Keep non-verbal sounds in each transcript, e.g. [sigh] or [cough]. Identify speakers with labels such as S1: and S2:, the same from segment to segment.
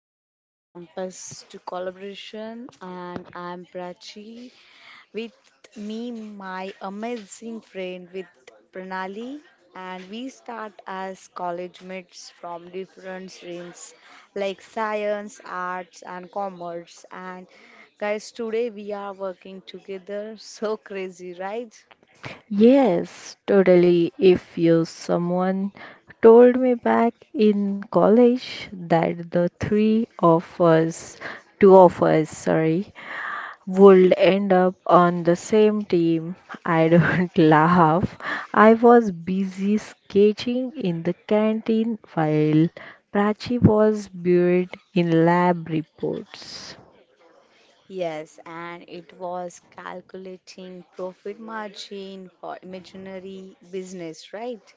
S1: to From Campus to Collaboration, and I'm Prachi. With me, my amazing friend with Pranali, and we start as college mates from different streams like science, arts, and commerce. And guys, today we are working together. [laughs] So crazy, right?
S2: Yes, totally. If you someone told me back in college that the three of us, two of us, sorry, would end up on the same team, I don't [laughs] laugh. I was busy sketching in the canteen while Prachi was buried in lab reports.
S1: Yes, and it was calculating profit margin for imaginary business, right?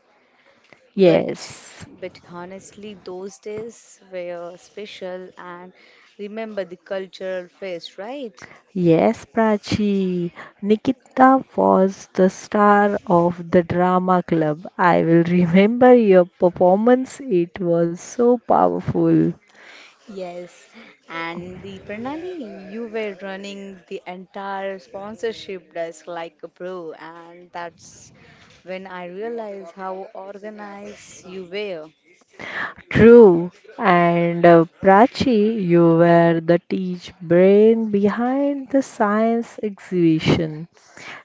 S1: But
S2: Yes.
S1: but honestly, those days were special and remember the cultural phase, right?
S2: Yes, Prachi. Nikita was the star of the drama club. I will remember your performance. It was so powerful.
S1: Yes, and the Pranali, you were running the entire sponsorship desk like a pro, and that's when I realized how organized you were.
S2: True. And Prachi, you were the teach brain behind the science exhibition.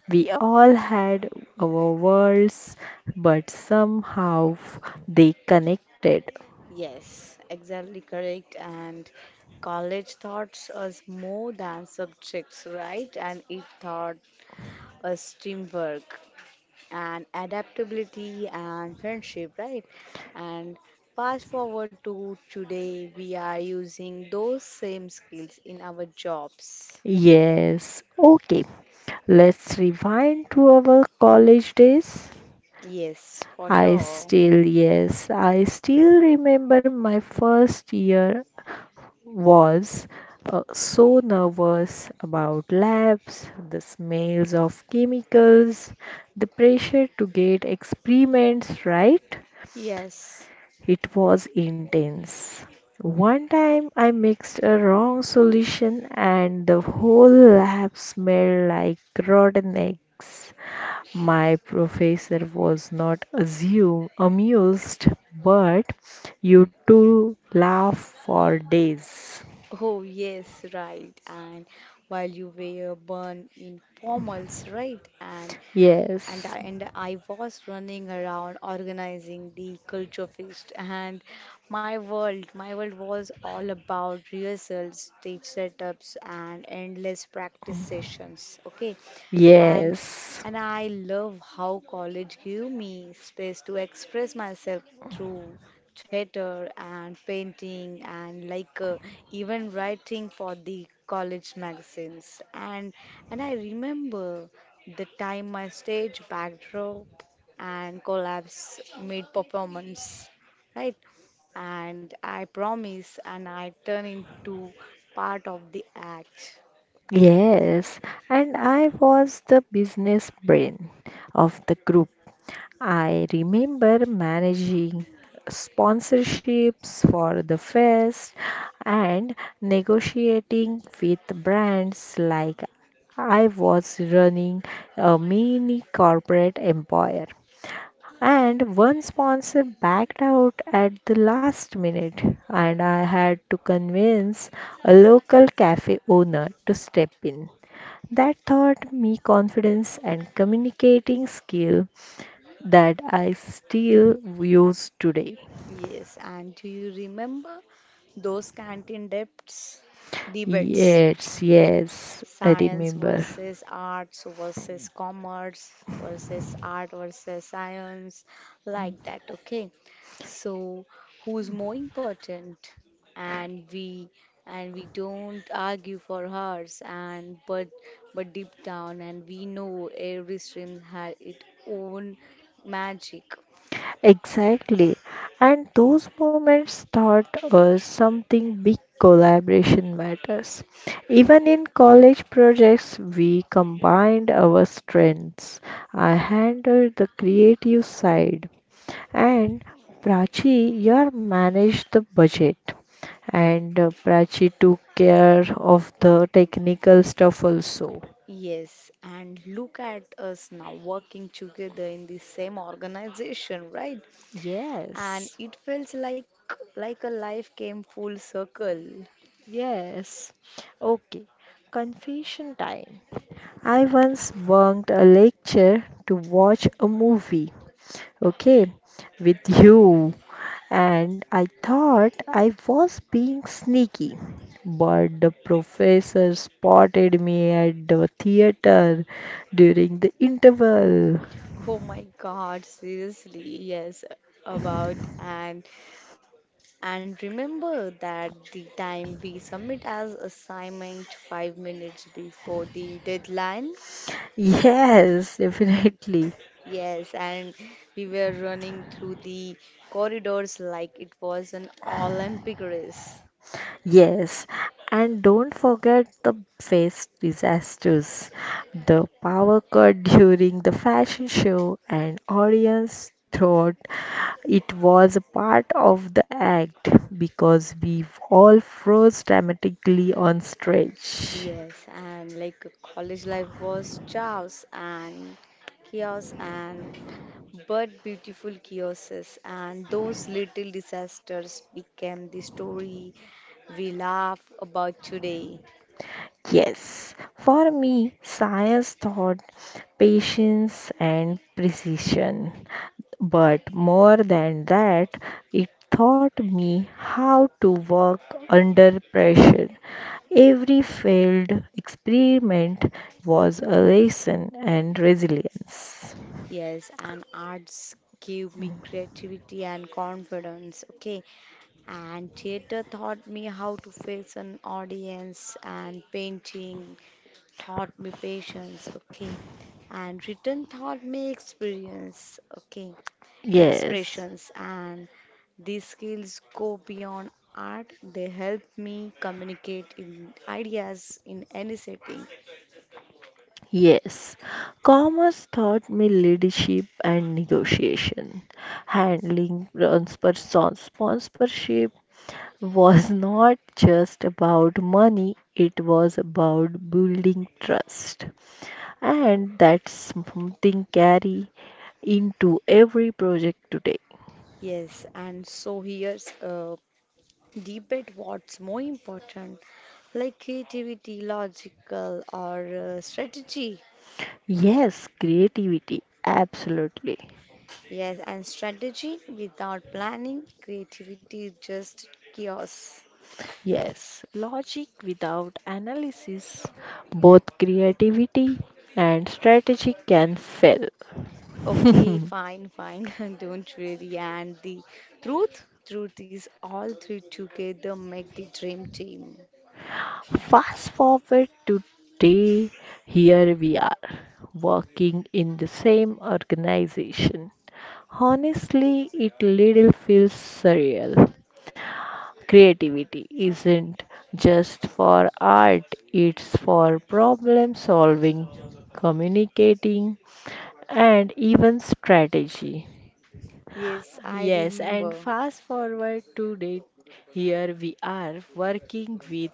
S2: We all had our worlds, but somehow they connected.
S1: Yes, exactly correct. And college taught us more than subjects, right? And it taught us teamwork and adaptability and friendship, right? And fast forward to today, we are using those same skills in our jobs.
S2: Yes. Okay. Let's rewind to our college days.
S1: Yes, for
S2: I
S1: sure.
S2: still, yes, I still remember my first year was so nervous about labs, the smells of chemicals, the pressure to get experiments right.
S1: Yes.
S2: It was intense. One time I mixed a wrong solution and the whole lab smelled like rotten eggs. My professor was not amused, but you two laugh for days.
S1: Oh, yes, right. And while you were born in formals, right? And and
S2: Yes,
S1: I, and I was running around organizing the culture feast and my world was all about rehearsals stage setups and endless practice sessions, okay, and
S2: yes,
S1: and I love how college gave me space to express myself through theater and painting and like even writing for the college magazines. And I remember the time my stage backdrop and collapse mid performance, right? And I promise, and I turn into part of the act.
S2: yes. And I was the business brain of the group. I remember managing sponsorships for the fest and negotiating with brands like I was running a mini corporate empire. And one sponsor backed out at the last minute, and I had to convince a local cafe owner to step in. That taught me confidence and communicating skill that I still use today.
S1: Yes, and do you remember those debates?
S2: Yes, I
S1: Science
S2: remember.
S1: versus arts versus commerce versus art versus science, like that, okay? So, who's more important? And we and we don't argue for hers and but deep down and we know every stream has its own magic.
S2: Exactly. And those moments taught us something big collaboration matters. Even in college projects, we combined our strengths. I handled the creative side, and Prachi, you managed the budget. And Prachi took care of the technical stuff also.
S1: Yes, and look at us now working together in the same organization, right? And
S2: Yes,
S1: it felt like a life came full circle.
S2: yes. Okay, confession time. I once bunked a lecture to watch a movie, okay, with you, and I thought I was being sneaky. But the professor spotted me at the theater during the interval.
S1: Oh my God, seriously, yes, about and remember that the time we submit as assignment 5 minutes before the deadline.
S2: [laughs] Yes, definitely.
S1: Yes, and we were running through the corridors like it was an Olympic race.
S2: Yes, and don't forget the face disasters. The power cut [laughs] during the fashion show and audience thought it was a part of the act because we all froze dramatically on stage.
S1: Yes, and like college life was chaos and but beautiful chaoses and those little disasters became the story we laugh about today.
S2: Yes, for me, science taught patience and precision. But more than that, it taught me how to work under pressure. Every failed experiment was a lesson and resilience.
S1: Yes, and arts gave me creativity and confidence, okay? And theater taught me how to face an audience and painting thought me patience, okay, and written thought me experience, okay,
S2: Yes.
S1: expressions, and these skills go beyond art. They help me communicate in ideas in any setting.
S2: Yes, commerce taught me leadership and negotiation. Handling sponsorship was not just about money, it was about building trust. And that's something carry into every project today.
S1: Yes, and so here's a debate. What's more important, like creativity, logical, or strategy?
S2: Yes, creativity, absolutely.
S1: Yes, and strategy without planning, creativity is just chaos.
S2: Yes, logic without analysis, both creativity and strategy can fail.
S1: Okay,
S2: [laughs]
S1: fine, fine. [laughs] Don't really. And the truth is all three together make the dream team.
S2: Fast forward to today, here we are, working in the same organization. Honestly, it little feels surreal. Creativity isn't just for art, it's for problem solving, communicating, and even strategy.
S1: Yes, I
S2: Yes, and
S1: remember.
S2: fast forward to date, here we are working with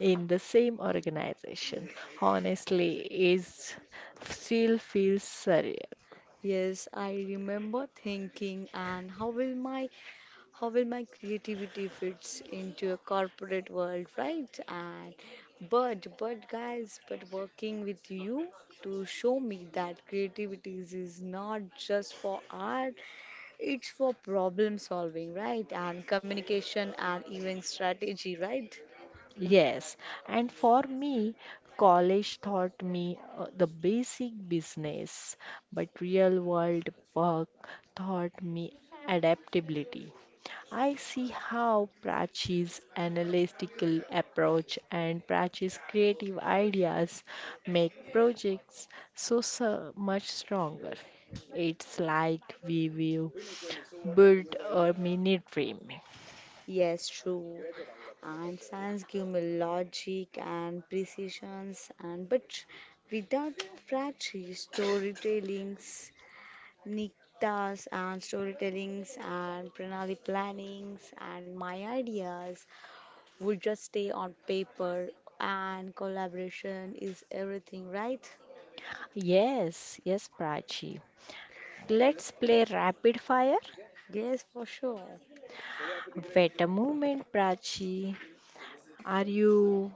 S2: in the same organization. Honestly, it still feels surreal.
S1: Yes, I remember thinking and how will my creativity fits into a corporate world, right? And but guys, but working with you to show me that creativity is not just for art. It's for problem solving, right? And communication and even strategy, right?
S2: Yes, and for me, college taught me the basic business, but real world work taught me adaptability. I see how Prachi's analytical approach and Prachi's creative ideas make projects so, so much stronger. It's like we will build a mini dream.
S1: Yes, true. And science give me logic and precisions and but without practice, storytellings, niktas and storytellings and pranali plannings and my ideas will just stay on paper, and collaboration is everything, right?
S2: Yes, Prachi. Let's play rapid fire.
S1: Yes, for sure.
S2: Wait a moment, Prachi. Are you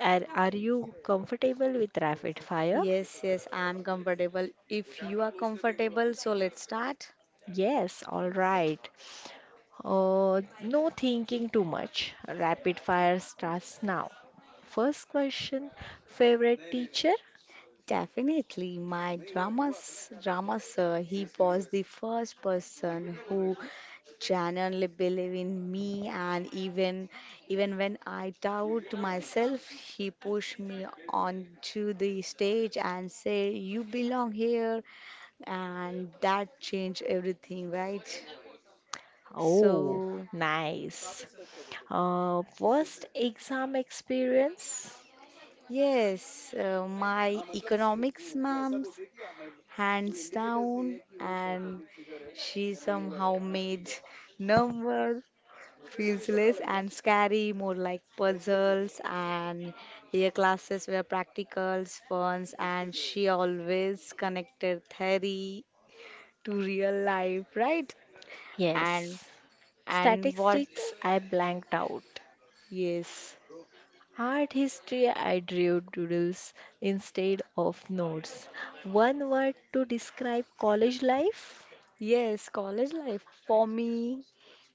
S2: are you comfortable with rapid fire?
S1: Yes, yes, I'm comfortable. If you are comfortable, so let's start.
S2: Yes, all right. No thinking too much. Rapid fire starts now. First question, favorite teacher?
S1: Definitely, my drama sir, he was the first person who genuinely believed in me, and even when I doubt myself, he pushed me onto the stage and say, "You belong here," and that changed everything, right?
S2: Oh,
S1: So.
S2: nice. Worst exam experience?
S1: Yes, my economics ma'ams, hands down, and she somehow made [laughs] numbers feels less and scary, more like puzzles. And her classes were practicals, funs, and she always connected theory to real life, right? And
S2: Yes.
S1: and what?
S2: Statistics, I blanked out.
S1: Yes,
S2: Art history, I drew doodles instead of notes. One word to describe college life?
S1: yes, college life for me.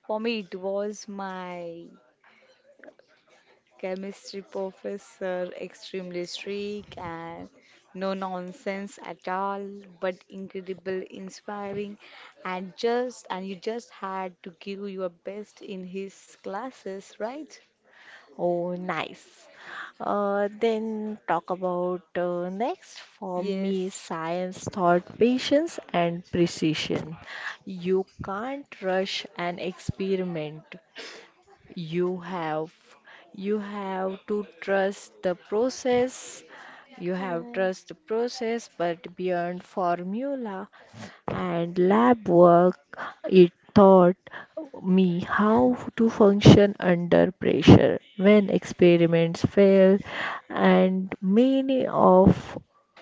S1: For me, it was my chemistry professor, extremely strict and no nonsense at all, but incredible, inspiring, and just and you just had to give your best in his classes, right?
S2: Oh, nice. Then talk about next. For me,
S1: Yes.
S2: science taught patience and precision. You can't rush an experiment. you have you have to trust the process
S1: Correct.
S2: but beyond formula and lab work it taught me how to function under pressure when experiments fail and many of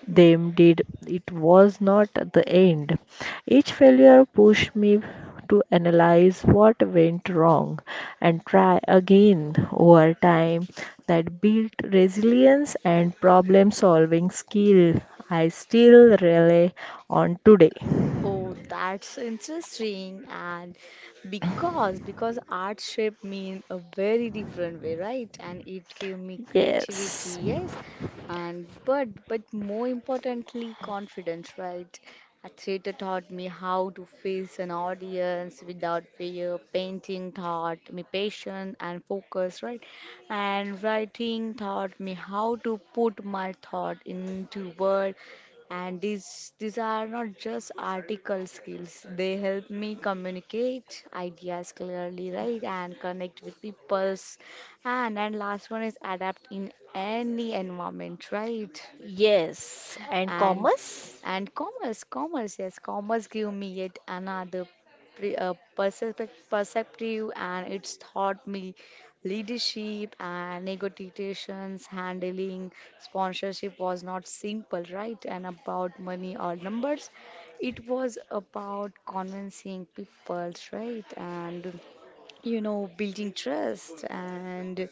S2: them did. It was not the end. Each failure pushed me to analyze what went wrong and try again over time that built resilience and problem solving skill I still rely on today.
S1: Oh, that's interesting. And because art shape me in a very different way, right? And it gave me creativity,
S2: Yes.
S1: yes. And but more importantly, confidence, right? A theater taught me how to face an audience without fear. Painting taught me patience and focus, right? And writing taught me how to put my thought into word. And these are not just article skills. They help me communicate ideas clearly, right, and connect with peoples. And last one is adapt in any environment, right?
S2: Yes, and
S1: and
S2: commerce?
S1: and commerce commerce, yes, commerce give me yet another perspective perceptive, and it's taught me leadership and negotiations. Handling sponsorship was not simple, right, and about money or numbers. It was about convincing people, right, and you know, building trust and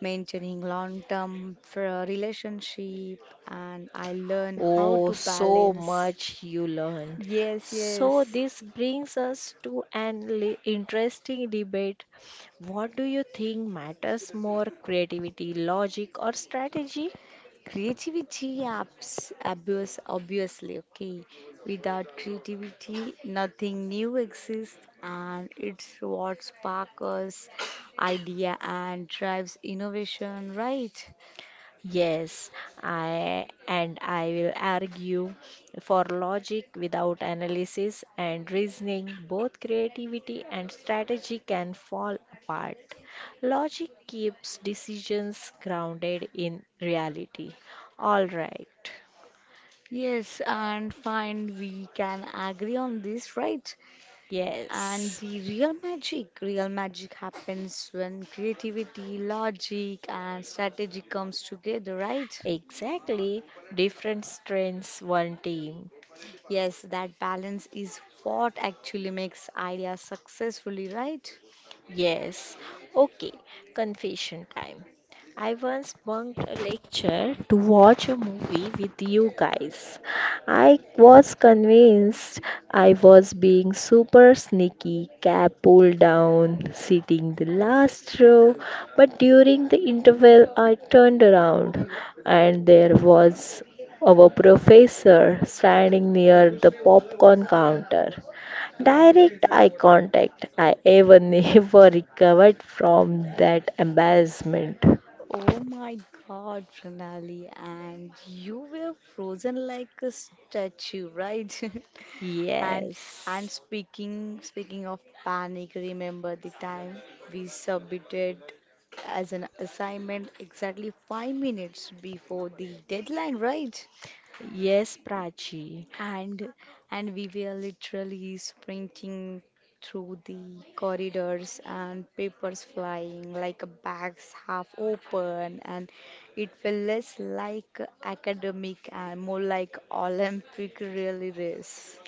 S1: maintaining long term for a relationship. And I learn how
S2: Oh,
S1: to
S2: so
S1: balance.
S2: much you learned.
S1: Yes,
S2: So,
S1: yes.
S2: this brings us to an interesting debate. What do you think matters more, creativity, logic, or strategy?
S1: Creativity apps abuse obviously, okay. Without creativity nothing new exists, and it's what sparks idea and drives innovation, right?
S2: Yes, I will argue for logic without analysis and reasoning, both creativity and strategy can fall apart. Logic keeps decisions grounded in reality. All right.
S1: Yes, and fine, we can agree on this, right? And
S2: Yes.
S1: the real magic happens when creativity, logic, and strategy comes together, right?
S2: Exactly. Different strengths, one team.
S1: Yes, that balance is what actually makes ideas successfully, right?
S2: Yes. Okay. Confession time. I once bunked a lecture to watch a movie with you guys. I was convinced I was being super sneaky, cap pulled down, sitting the last row, but during the interval I turned around and there was our professor standing near the popcorn counter. Direct eye contact. I ever [laughs] never recovered from that embarrassment.
S1: Oh my God, Pranali, and you were frozen like a statue, right? [laughs] And and
S2: Yes.
S1: speaking of panic, remember the time we submitted as an assignment exactly 5 minutes before the deadline, right?
S2: Yes, Prachi.
S1: and and we were literally sprinting through the corridors and papers flying like a bags half open, and it felt less like academic and more like olympic really race.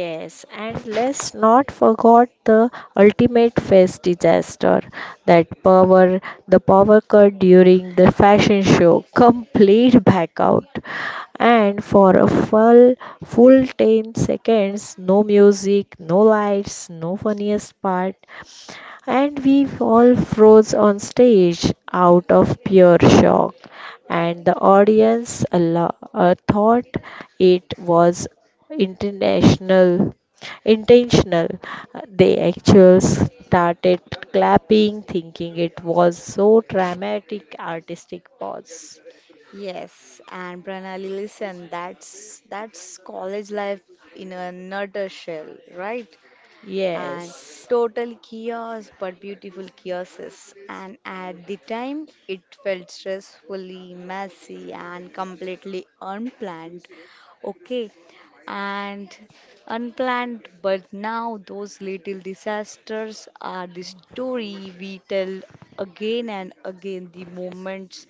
S2: Yes, and let's not forget the ultimate face disaster, that power the power cut during the fashion show, complete blackout, and for a full 10 seconds, no music, no lights, no funniest part, and we all froze on stage out of pure shock, and the audience thought it was international intentional. They actually started clapping thinking it was so dramatic artistic pause.
S1: Yes, and pranali listen, that's college life in a nutshell, right. And
S2: Yes.
S1: total chaos but beautiful chaoses, and at the time it felt stressfully messy and completely unplanned, okay, and unplanned, but now those little disasters are the story we tell again and again, the moments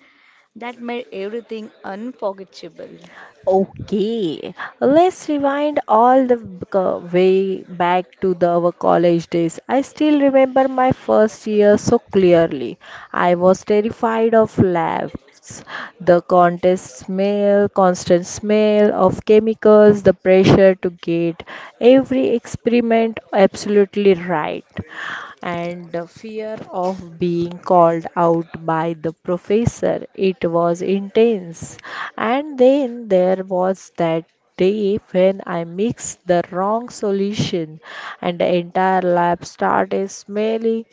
S1: that made everything unforgettable.
S2: Okay, let's rewind all the way back to our college days. I still remember my first year so clearly. I was terrified of labs, constant smell of chemicals, the pressure to get every experiment absolutely right and the fear of being called out by the professor. It was intense. And then there was that day when I mixed the wrong solution and the entire lab started smelling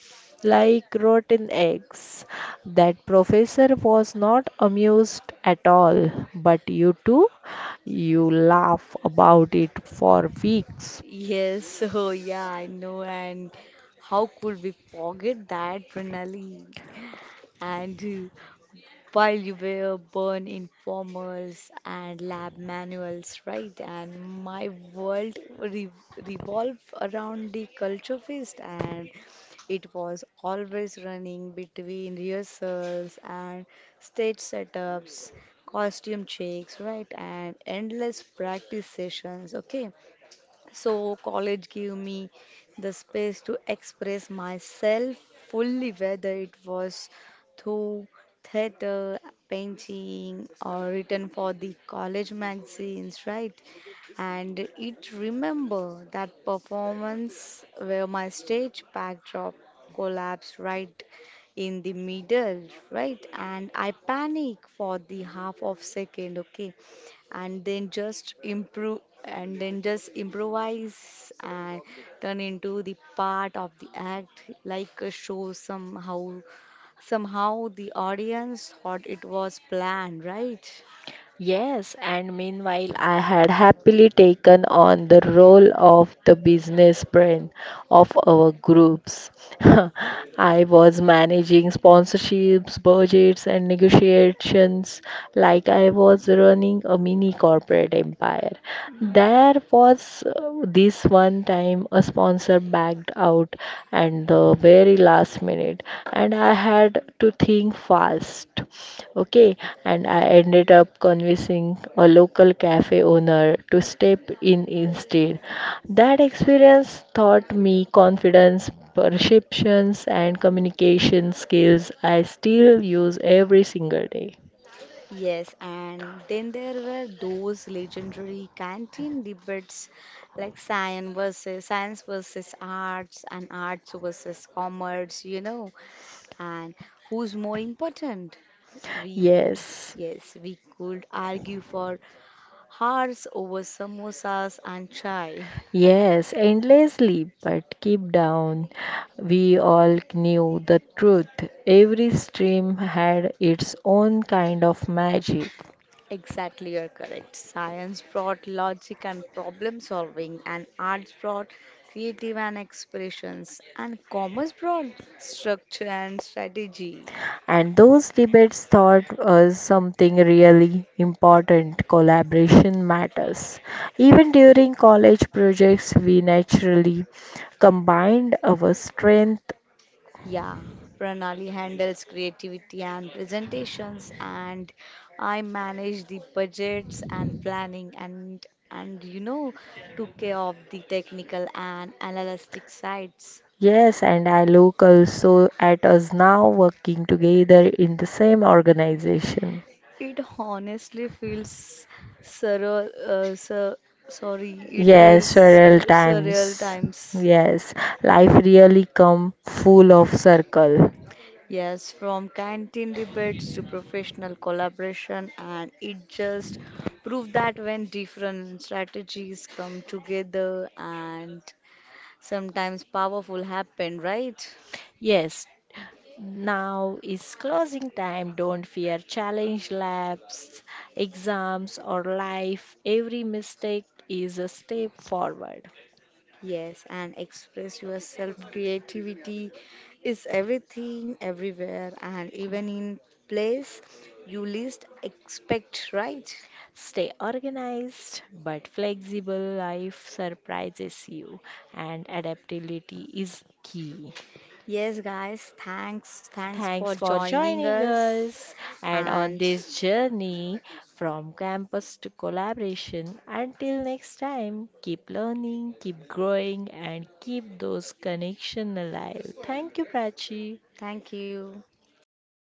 S2: like rotten eggs. That professor was not amused at all, but you too, you laugh about it for weeks.
S1: Yes, [laughs] so yeah, I know. And how could we forget that, Pranali? And while you were born in formals and lab manuals, right? And my world re revolved around the culture fest, and it was always running between rehearsals and stage setups, costume checks, right? And endless practice sessions, okay? So, college gave me the space to express myself fully, whether it was through theater, painting, or written for the college magazines, right? And it remember that performance where my stage backdrop collapsed right in the middle, right? And I panic for the half of second, okay? And then just improvise and turn into the part of the act, like a show, somehow the audience thought it was planned, right?
S2: Yes, and meanwhile, I had happily taken on the role of the business brain of our groups. [laughs] I was managing sponsorships, budgets, and negotiations like I was running a mini corporate empire. There was this one time a sponsor backed out and the very last minute and I had to think fast. Okay, and I ended up convincing a local cafe owner to step in instead. That experience taught me confidence, perceptions, and communication skills I still use every single day.
S1: Yes, and then there were those legendary canteen debates like science versus arts and arts versus commerce, you know, and who's more important? We,
S2: Yes.
S1: yes, we could argue for hours over samosas and chai.
S2: Yes, endlessly, but keep down. We all knew the truth. Every stream had its own kind of magic,
S1: Exactly, you're correct. Science brought logic and problem solving, and arts brought creative and expressions, and commerce brought structure and strategy.
S2: and those debates taught us something really important collaboration matters. Even during college projects, we naturally combined our strength.
S1: Yeah, Pranali handles creativity and presentations, and I manage the budgets and planning, and you know, took care of the technical and analytic sides.
S2: Yes, and I look also at us now working together in the same organization.
S1: It honestly feels surreal, uh, sur sorry, it
S2: Yes,
S1: feels
S2: several
S1: surreal
S2: times.
S1: times.
S2: Yes, life really come full of circle.
S1: Yes, from canteen debates to professional collaboration, and it just proved that when different strategies come together and sometimes powerful happen, right?
S2: Yes, now is closing time. Don't fear challenge labs, exams, or life. Every mistake is a step forward.
S1: Yes, and express yourself. Creativity is everything, everywhere, and even in place you least expect, right?
S2: Stay organized, but flexible life surprises you, and adaptability is key.
S1: Yes, guys, thanks. Thanks for
S2: Thanks for
S1: joining
S2: joining
S1: us,
S2: us and on
S1: and
S2: this journey from campus to collaboration. Until next time, keep learning, keep growing, and keep those connections alive. Thank you, Prachi.
S1: thank you.